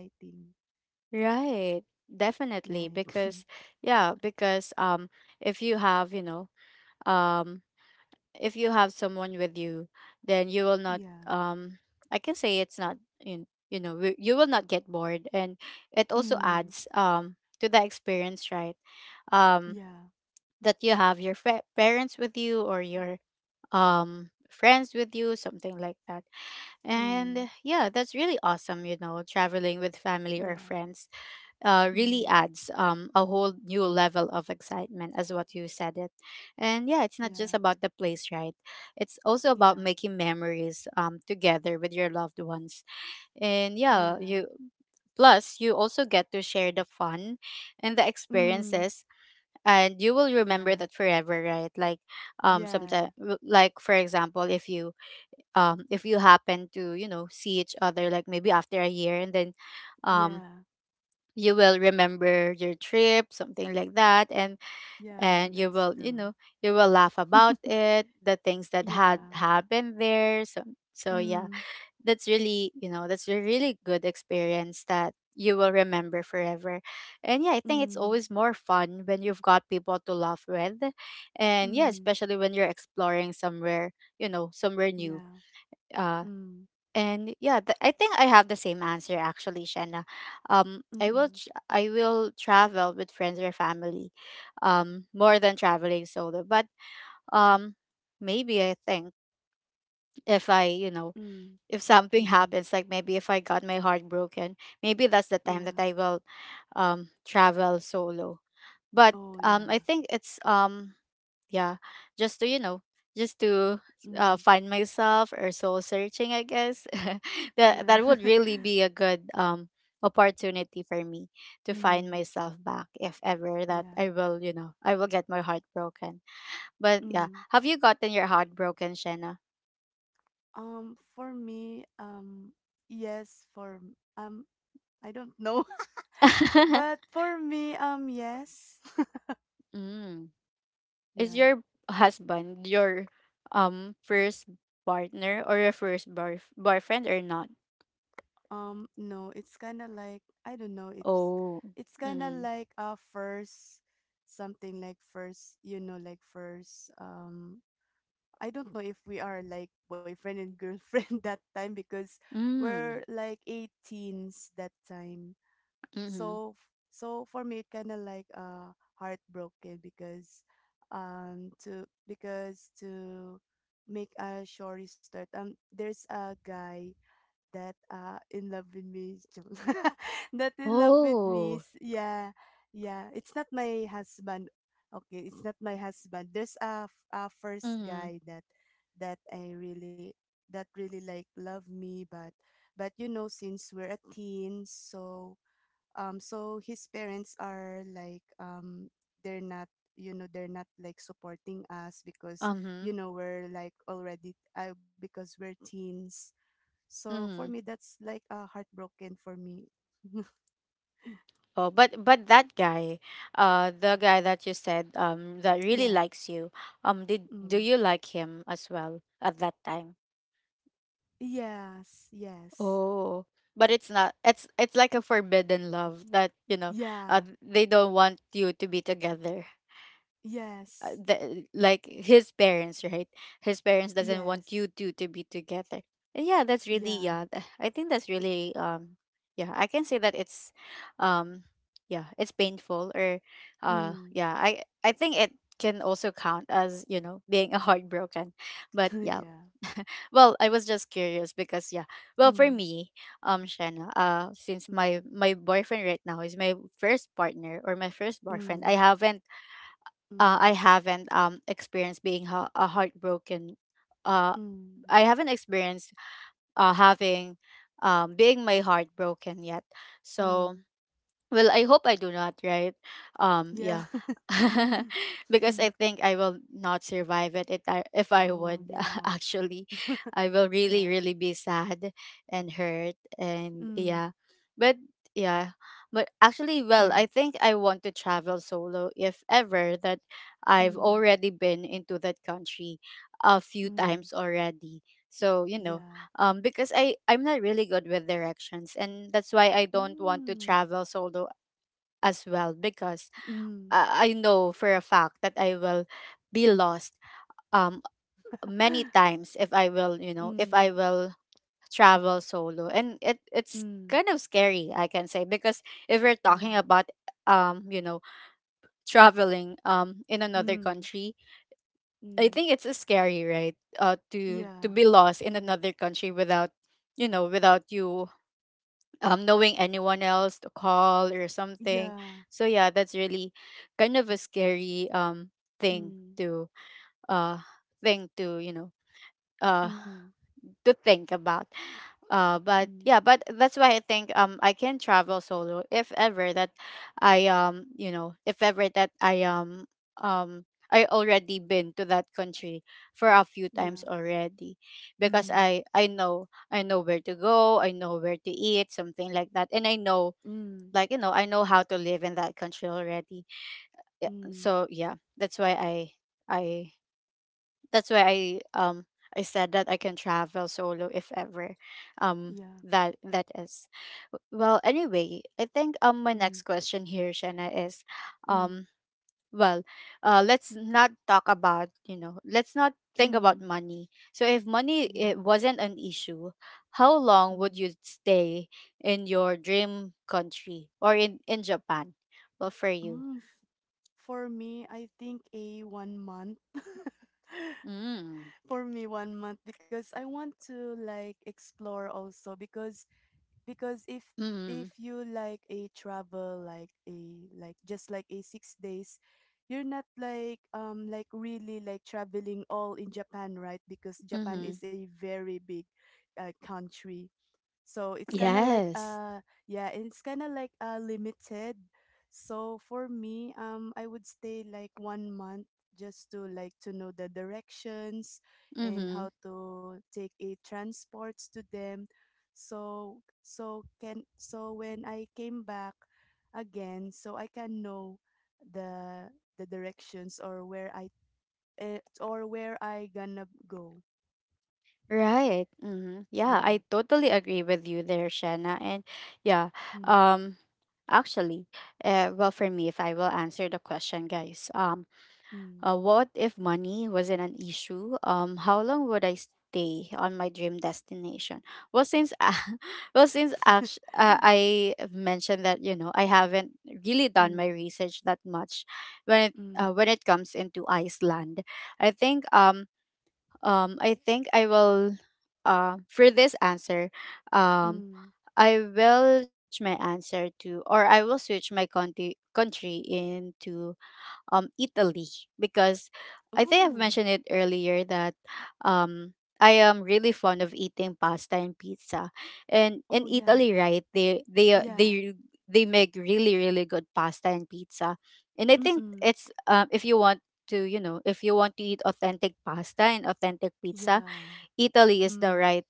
Right. right? Definitely. Because yeah, because if you have, you know, um if you have someone with you, then you will not Yeah. um I can say it's not you, you know, you will not get bored. And it also Mm, adds to the experience, right? um yeah. that you have your parents with you or your friends with you, something like that. Mm, And yeah, that's really awesome, you know, traveling with family or yeah. friends really Mm, adds a whole new level of excitement, as what you said it. And yeah, it's not just yeah. about the place, right? It's also about Yeah. making memories, together with your loved ones. And yeah, Yeah. you plus you also get to share the fun and the Mm, experiences. And you will remember yeah. that forever, right? Like Yeah. sometimes, like, for example, if you happen to, you know, see each other, like maybe after a year, and then um Yeah. you will remember your trip, something like that. and Yeah, and you that's will, you true. know, you will laugh about it, the things that had Yeah. happened there. So so yeah, Mm, that's really, you know, that's a really good experience that you will remember forever. And yeah, I think it's mm, always more fun when you've got people to laugh with. And yeah, mm, especially when you're exploring somewhere, you know, somewhere new. yeah. uh Mm, and yeah, I think I have the same answer, actually, Shanna. I will mm, tr I will travel with friends or family, more than traveling solo. But um, maybe I think if I, you know, mm, if something mm, happens, like maybe if I got my heart broken, maybe that's the time that yeah. I will, travel solo. But Oh, I yeah. think it's yeah, just to, you know, just to Mm, find myself, or soul searching, I guess. That yeah. that would really be a good opportunity for me to find Mm, myself back if ever that yeah. I will, you know, I will get my heart broken. But yeah, Mm. have you gotten your heart broken, Shanna? For me, yes, for, I don't know, but for me, yes. Mm. Is Yeah. your husband your first partner, or your first boyfriend or not? No, it's kind of like I don't know. It's Oh. it's kind of Mm. like first, something like first, you know, like first. I don't know if we are like boyfriend and girlfriend that time, because Mm. we're like 18s that time. Mm-hmm. So for me, it kind of like heartbroken, because to, because to make a short story, there's a guy that in love with me, joke. that in love with me Oh. is, yeah, yeah, it's not my husband. Okay, it's not my husband. There's a, a first Mhm. guy that I really, that really like love me, but since we're a teen, so so his parents are like, they're not, they're not like supporting us because Mhm. We're like already because we're teens. So for me, Mhm. that's like heartbroken for me. Oh, but that guy, the guy that you said, that really Yeah. likes you, did do Mm. you like him as well at that time? Yes. Yes. Oh, but it's not. It's like a forbidden love that, you know, Yeah. they don't want you to be together. Yes. The, like his parents, right? His parents doesn't want Yes. you two to be together. And yeah, that's really Yeah. yeah, I think that's really yeah, I can say that it's um yeah, it's painful, or Mm. yeah, I think it can also count as, you know, being a heartbroken. But yeah. Yeah. Well, I was just curious, because yeah, well, for Mm. me, Shanna, since my Mm. Boyfriend right now is my first partner or my first boyfriend, Mm. I haven't I Mm. haven't experienced being a heartbroken. Uh, Mm. I haven't experienced having being my heart broken yet. So, Mm. well, I hope I do not, right? Yeah. Yeah. Because Hmm. I think I will not survive it if I Oh, would yeah. actually. I will Yeah. really, really be sad and hurt and Mm. yeah. But yeah. But actually, well, I Mm. think I want to travel solo if ever that I've Mm. already been into that country a few Mm. times already. So, you know, Yeah. um because I'm not really good with directions, and that's why I don't want to Mm. travel solo as well because Mm. I know for a fact that I will be lost um many times if I will, you know, if Mm. I will travel solo. And it's Mm. kind of scary, I can say, because if we're talking Yeah. about um, you know, traveling in another Mm. country, I Mm. think it's scary, right? To Yeah, be lost in another country without you knowing anyone else to call or something. yeah. So yeah, that's really kind of a scary thing Mm, to uh thing to uh mm, think about. But mm. yeah, but that's why I think I can travel solo if ever that I you know if ever that I um already been to that country for a few times Yeah. already, because Mm, I know where to go, I know where to eat, something like that, and I know mm, like you know I know how to live in that country already. Yeah, mm. so yeah, that's why I i that's why i um I said that I can travel solo if ever um Yeah. that is. Well, anyway, I think my Mm, next question here, Shanna, is mm, um well let's not talk about, let's not think about mm. money. So if money Yeah. it wasn't an issue, how long would Mm. you stay in your dream country, or in Japan, well, for you? Mm. For me, I think a one month. Mm. For me, one month because I want to like explore also because Mm-hmm. if you like a travel like a like just like a 6 days. You're not like like really like traveling all in Japan, right? Because Japan Mm-hmm. is a very big country, so it's kind of like Yes. Yeah, and it's kind of like limited. So for me, I would stay like one month just to like to know the directions and Mm-hmm. how to take a transports to them. So when I came back again, so I can know the the directions, or where I, or where I gonna go. Right. Mm-hmm. Yeah, Yeah. I totally agree with you there, Shanna. And yeah, Mm, um actually, well, for me, if I will answer the question, guys. Mm, What if money wasn't an issue? How long would I stay on my dream destination? Well, since I, well, since act- I mentioned that I haven't really done my mm, research that much when it mm, uh, when it comes into Iceland. I think, I will, for this answer, um mm. I will switch my answer to, or I will switch my country into Italy, because I think I've Oh, mentioned it earlier that um I am really fond of eating pasta and pizza. And oh in yeah, Italy, right, they they uh, yeah, they they make really, really good pasta and pizza. And I think mm-mm, it's, if you want to, eat authentic pasta and authentic pizza, yeah, Italy is the mm, right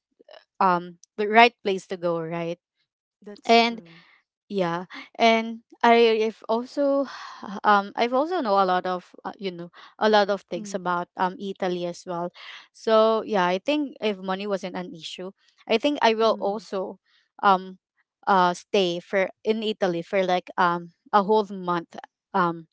um the right place to go, right? that's And true. yeah, and I've also I've also know a lot of, a lot of things Mm, about Italy as well. So yeah, I think if money wasn't an issue, I think I will mm, also um stay for in Italy for like a whole month, um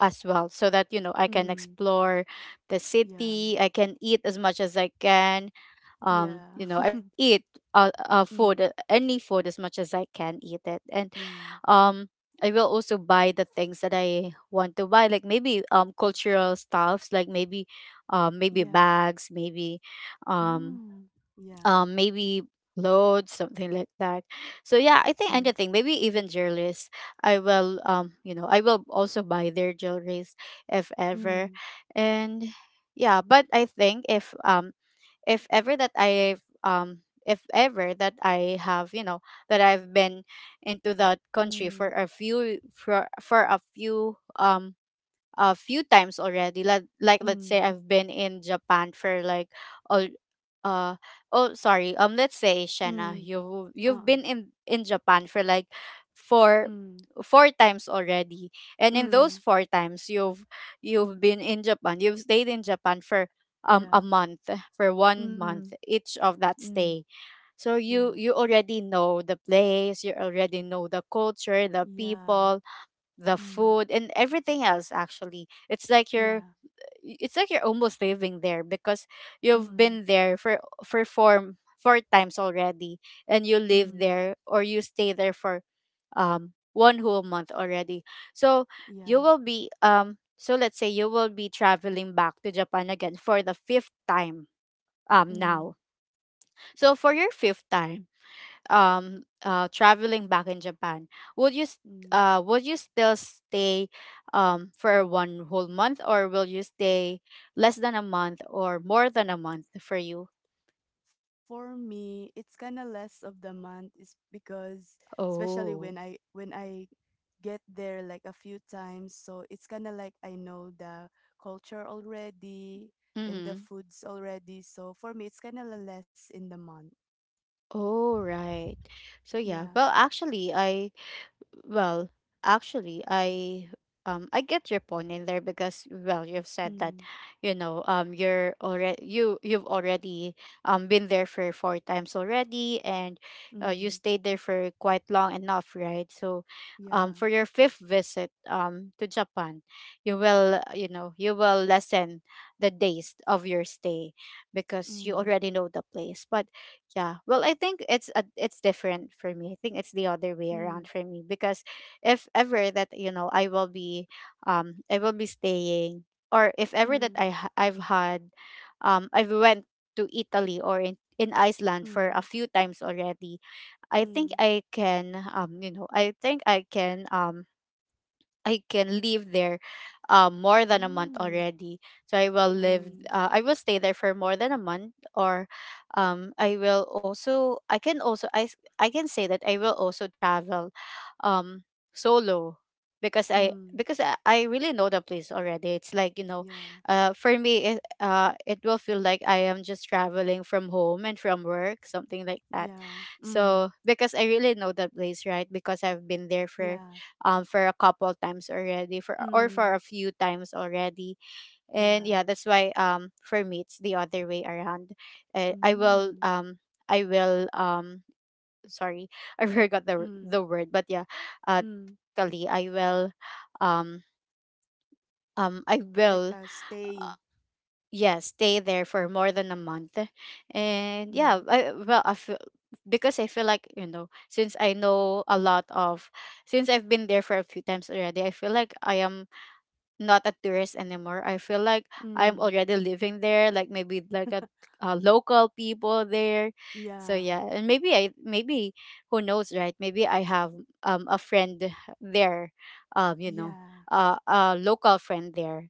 as well, so that I can mm, explore the yeah, city, I can eat as much as I can. yeah, I will eat, food mm, any food as much as I can eat it. And mm, um I will also buy the things that I want to buy, like maybe cultural stuffs, like maybe yeah, bags, um mm, yeah, maybe clothes, something like that. So yeah, I think mm, anything, maybe even jewelries. I will also buy their jewelries if ever, mm, and yeah. But I think if ever that I've if ever that I have you know that I've been into that country mm, for a few times already. Let's say mm, I've been in Japan for like all uh oh, sorry, let's say, Shanna, mm, you've uh, been in Japan for like four mm, four times already. And in those mm, four times you've been in Japan. You've stayed in Japan for a yeah, month, for one mm, month each of that mm, stay. So you yeah, you already know the place, you already know the culture, the yeah, people, the mm, food, and everything else, actually. It's like you're yeah, it's like you're almost living there because you've mm, been there for four times already, and you live mm, there, or you stay there for one whole month already. so you yeah, will be um so let's say you will be traveling back to Japan again for the fifth time, mm, now. So for your fifth time, traveling back in Japan, would you s- mm. Would you still stay for one whole month, or will you stay less than a month or more than a month, for you? For me, it's kind of less of the month is because especially when Oh. I when I get there like a few times, so it's kind of like I know the culture already and the Mhm. foods already. So for me, it's kind of less in the month. Oh, right. So yeah, Yeah. well, actually, Well, actually, I I get your point in there because, well, you've said that, Mm. You've already been there for four times already, and you Mm. stayed there for quite long enough, right? So, Yeah. for your fifth visit to Japan, you will lessen the days of your stay because you Mm. already know the place. But yeah. Well, I think it's different for me. I think it's the other way Mm. around for me because if ever that I will be staying, or if ever that Mm. I ha- I've had I've went to Italy, or in Iceland for a few times already. Mm. I think Mm. I can you know I think I can live there, more than a month Mm. already. So Mm. I will stay there for more than a month, or, I will also, I can also, I, s- I can say that I will also travel, um, solo, because I Mm. because I, I really know the place already. It's like, Yeah. For me, it will feel like I am just traveling from home and from work, something like that. Yeah. Mm. So because I really know the place, right? Because I've been there for, Yeah. For a couple times already, for or for Mm. a few times already, and Yeah. yeah, that's why, for me, it's the other way around. Uh, I will Mm. um I will Sorry, I forgot the Mm, the word, but yeah, uh mm, technically I will um um i like will a stay. uh, yeah stay there for more than a month. And Mm, yeah, I, well I feel because I feel like, since I've been there for a few times already, I feel like I am not a tourist anymore. I feel like I'm mm, already living there, like maybe like local people there. So yeah, yeah, and maybe who knows, right? Maybe I have a friend there, um you know, yeah, a local friend there,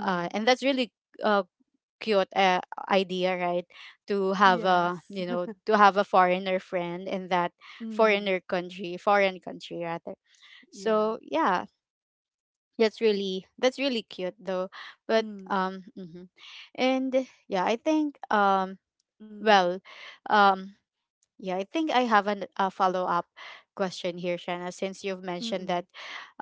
and that's really, uh cute, idea, right, to have a, yes, foreigner friend in that mm, foreigner country, foreign country rather. yeah, So yeah, that's really cute though. But mm, mhm. And yeah, I think, mm, well um I have a follow up question here, Shanna, since you've mentioned mm, that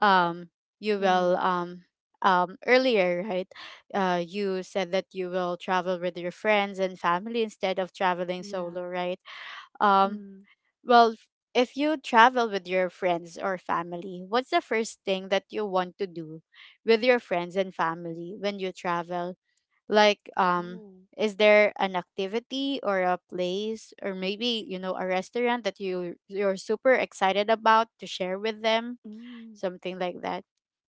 um you will mm, earlier, right? You said that you will travel with your friends and family instead of traveling yeah, solo, right? Um mm, well, f- if you travel with your friends or family, what's the first thing that you want to do with your friends and family when you travel? Like, oh, is there an activity or a place or maybe, a restaurant that you're super excited about to share with them? mm, Something like that.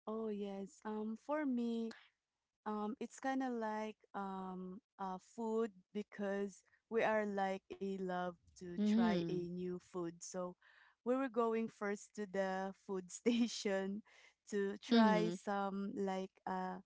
oh, yes. For me, it's kind of like food because we are like a love to try a Mm-hmm. new food. So we were going first to the food station to try Mm-hmm. some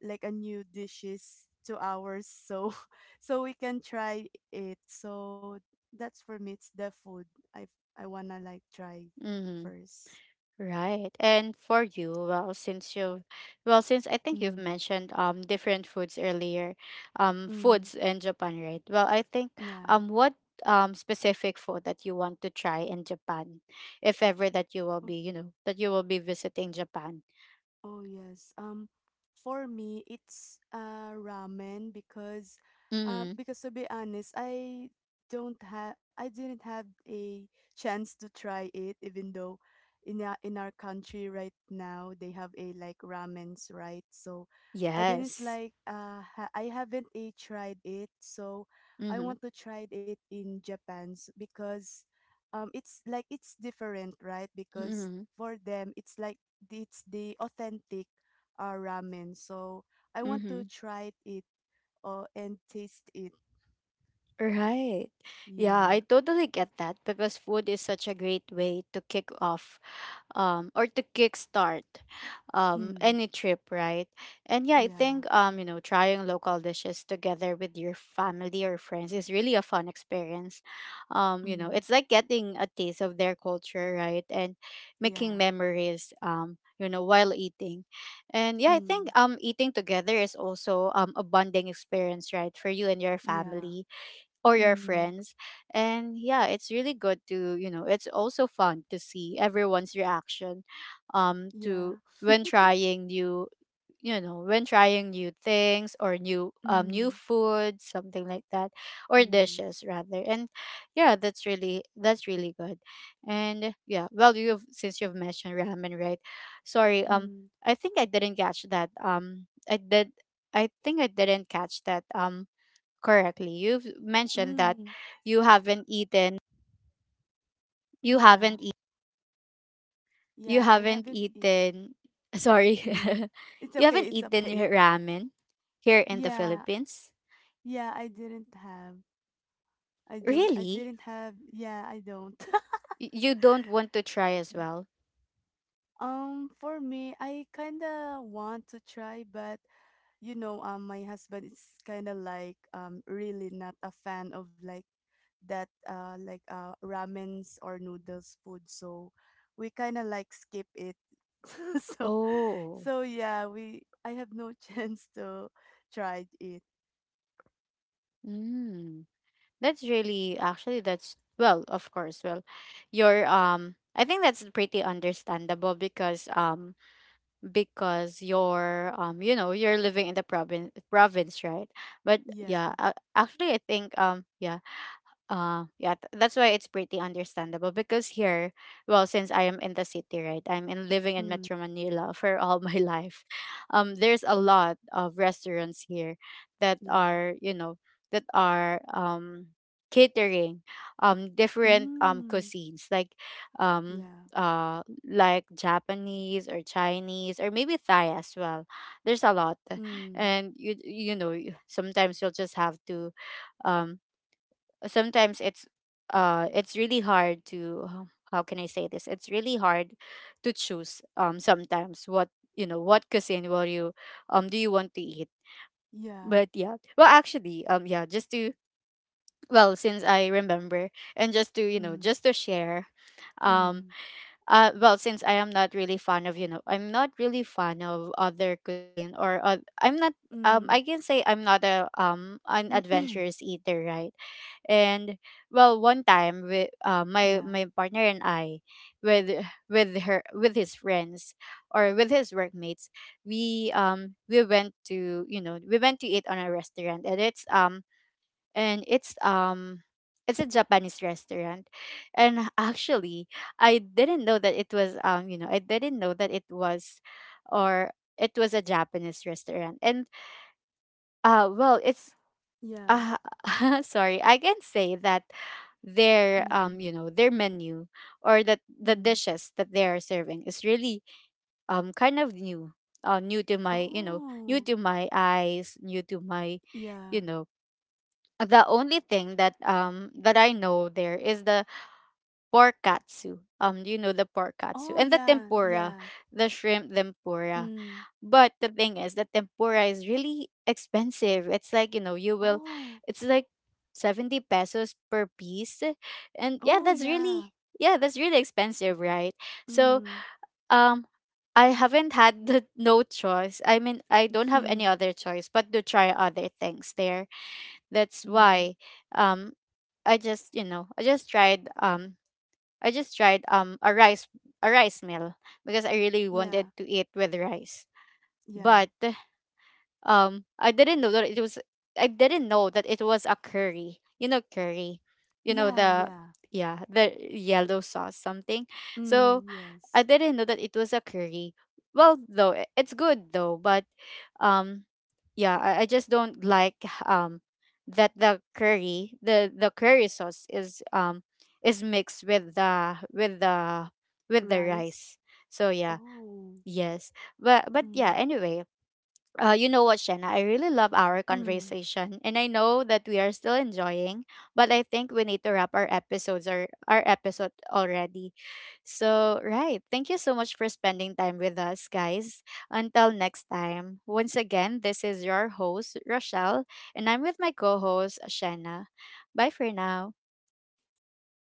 like a new dishes to ours, so so we can try it. So that's for me it's the food. I I wanna like try Mm-hmm. first. Right. And for you well, since I think you've Mm, mentioned different foods earlier, mm, foods in Japan, right? Well, I think, yeah. What specific food that you want to try in Japan, if ever that you will be, you know, that you will be visiting Japan. Oh, yes. For me, it's ramen because, uh, Mm. because to be honest, I don't have, I didn't have a chance to try it. Even though, in our country right now they have a like ramens, right? So, I didn't Yes. like I haven't a tried it. So, I Mhm. want to try it in Japan's because, it's like it's different, right? Because Mhm. for them it's like it's the authentic ramen. So I want to Mhm. try it and taste it. Right. Yeah, Yeah. I totally get that because food is such a great way to kick off, or to kickstart, Mm. any trip, right? And yeah, I Yeah. think, trying local dishes together with your family or friends is really a fun experience. Mm. It's like getting a taste of their culture, right? And making Yeah. memories, while eating. And yeah, I think, Mm. Eating together is also, a bonding experience, right? For you and your Yeah. family or your Mm. friends. And yeah, it's really good to, you know, it's also fun to see everyone's reaction to Yeah. when trying new, when trying new things or new Mm. food, something like that, or Mm. dishes rather. And yeah, that's really good. And yeah, well, you've since you've mentioned ramen, right? Sorry, Mm. I think I didn't catch that, i did I didn't catch that correctly. You've mentioned that Mm. you haven't eaten you Yeah. haven't eat you Yeah. I haven't haven't eat. eaten sorry. Mm. It's You okay. haven't It's eaten okay. ramen here in the Yeah. Philippines? Yeah. I didn't have. I don't. I Really? didn't have. Yeah. I don't. You don't want to try as well? For me, I kinda want to try, but my husband is kind of like really not a fan of like that like ramens or noodles food, so we kind of like skip it. so, Oh. so yeah, we I have no chance to try it. Mm. That's really actually that's well, of course, well, your I think that's pretty understandable because you're you know you're living in the province, right? But yeah, Yeah. Actually I think yeah, that's why it's pretty understandable because here, well, since I am in the city, right? I'm in living in Mm, Metro Manila for all my life. There's a lot of restaurants here that yeah. are, you know, that are catering different Mm, cuisines like, um yeah. uh like Japanese or Chinese or maybe Thai as well. There's a lot. Mm, And sometimes you'll just have to, um sometimes it's, it's really hard to, how can I say this, it's really hard to choose, sometimes what, you know, what cuisine will you, do you want to eat. yeah. But yeah, well, actually, yeah, just to, well, since I remember, and just to, you know, Mm, just to share, um mm, well, since I am not really fan of, you know, I'm not really fan of other cuisine, or I'm not, mm. I can say I'm not a, an adventurous eater, right? And well, one time with my Yeah. my partner and I with with her with his friends or with his workmates, we went to, you know, we went to eat on a restaurant, and and it's um it's a Japanese restaurant. And actually, I didn't know that it was, you know, I didn't know that it was or it was a Japanese restaurant. And well, it's Yeah. uh sorry, I can say that their Mm, you know, their menu or that the mm. dishes that they are serving is really kind of new. New to my, you know, new Oh, to my eyes, new to my, yeah. you know, the only thing that that I know there is the pork katsu. You know, the pork katsu Oh, and the yeah, tempura, yeah. the shrimp tempura. Mm. But the thing is, the tempura is really expensive. It's like, you know, you will, Oh. it's like 70 pesos per piece, and yeah, Oh, that's yeah. Really expensive, right? So Mm. um. I haven't had the, no choice. I mean, I don't have any Mhm. other choice but to try other things there. That's Mm. why, um I just, you know, I just tried, a rice meal, because I really Yeah. wanted to eat with rice, Yeah. but I didn't know that it was I didn't know that it was a curry. You know, curry, you know, Yeah, the, yeah. yeah, the yellow sauce something. Mm, So yes. I didn't know that it was a curry. Well, though, it's good though, but um yeah, I just don't like that the curry the curry sauce is mixed with the with the with the Rice. rice, so yeah, Oh. yes, but Mm. yeah, anyway, you know what, Shanna? I really love our Mm. conversation, and I know that we are still enjoying, but I think we need to wrap our episodes or our episode already. So, right, thank you so much for spending time with us, guys. Until next time, once again, this is your host Rochelle, and I'm with my co-host Shanna. Bye for now. Bye, guys.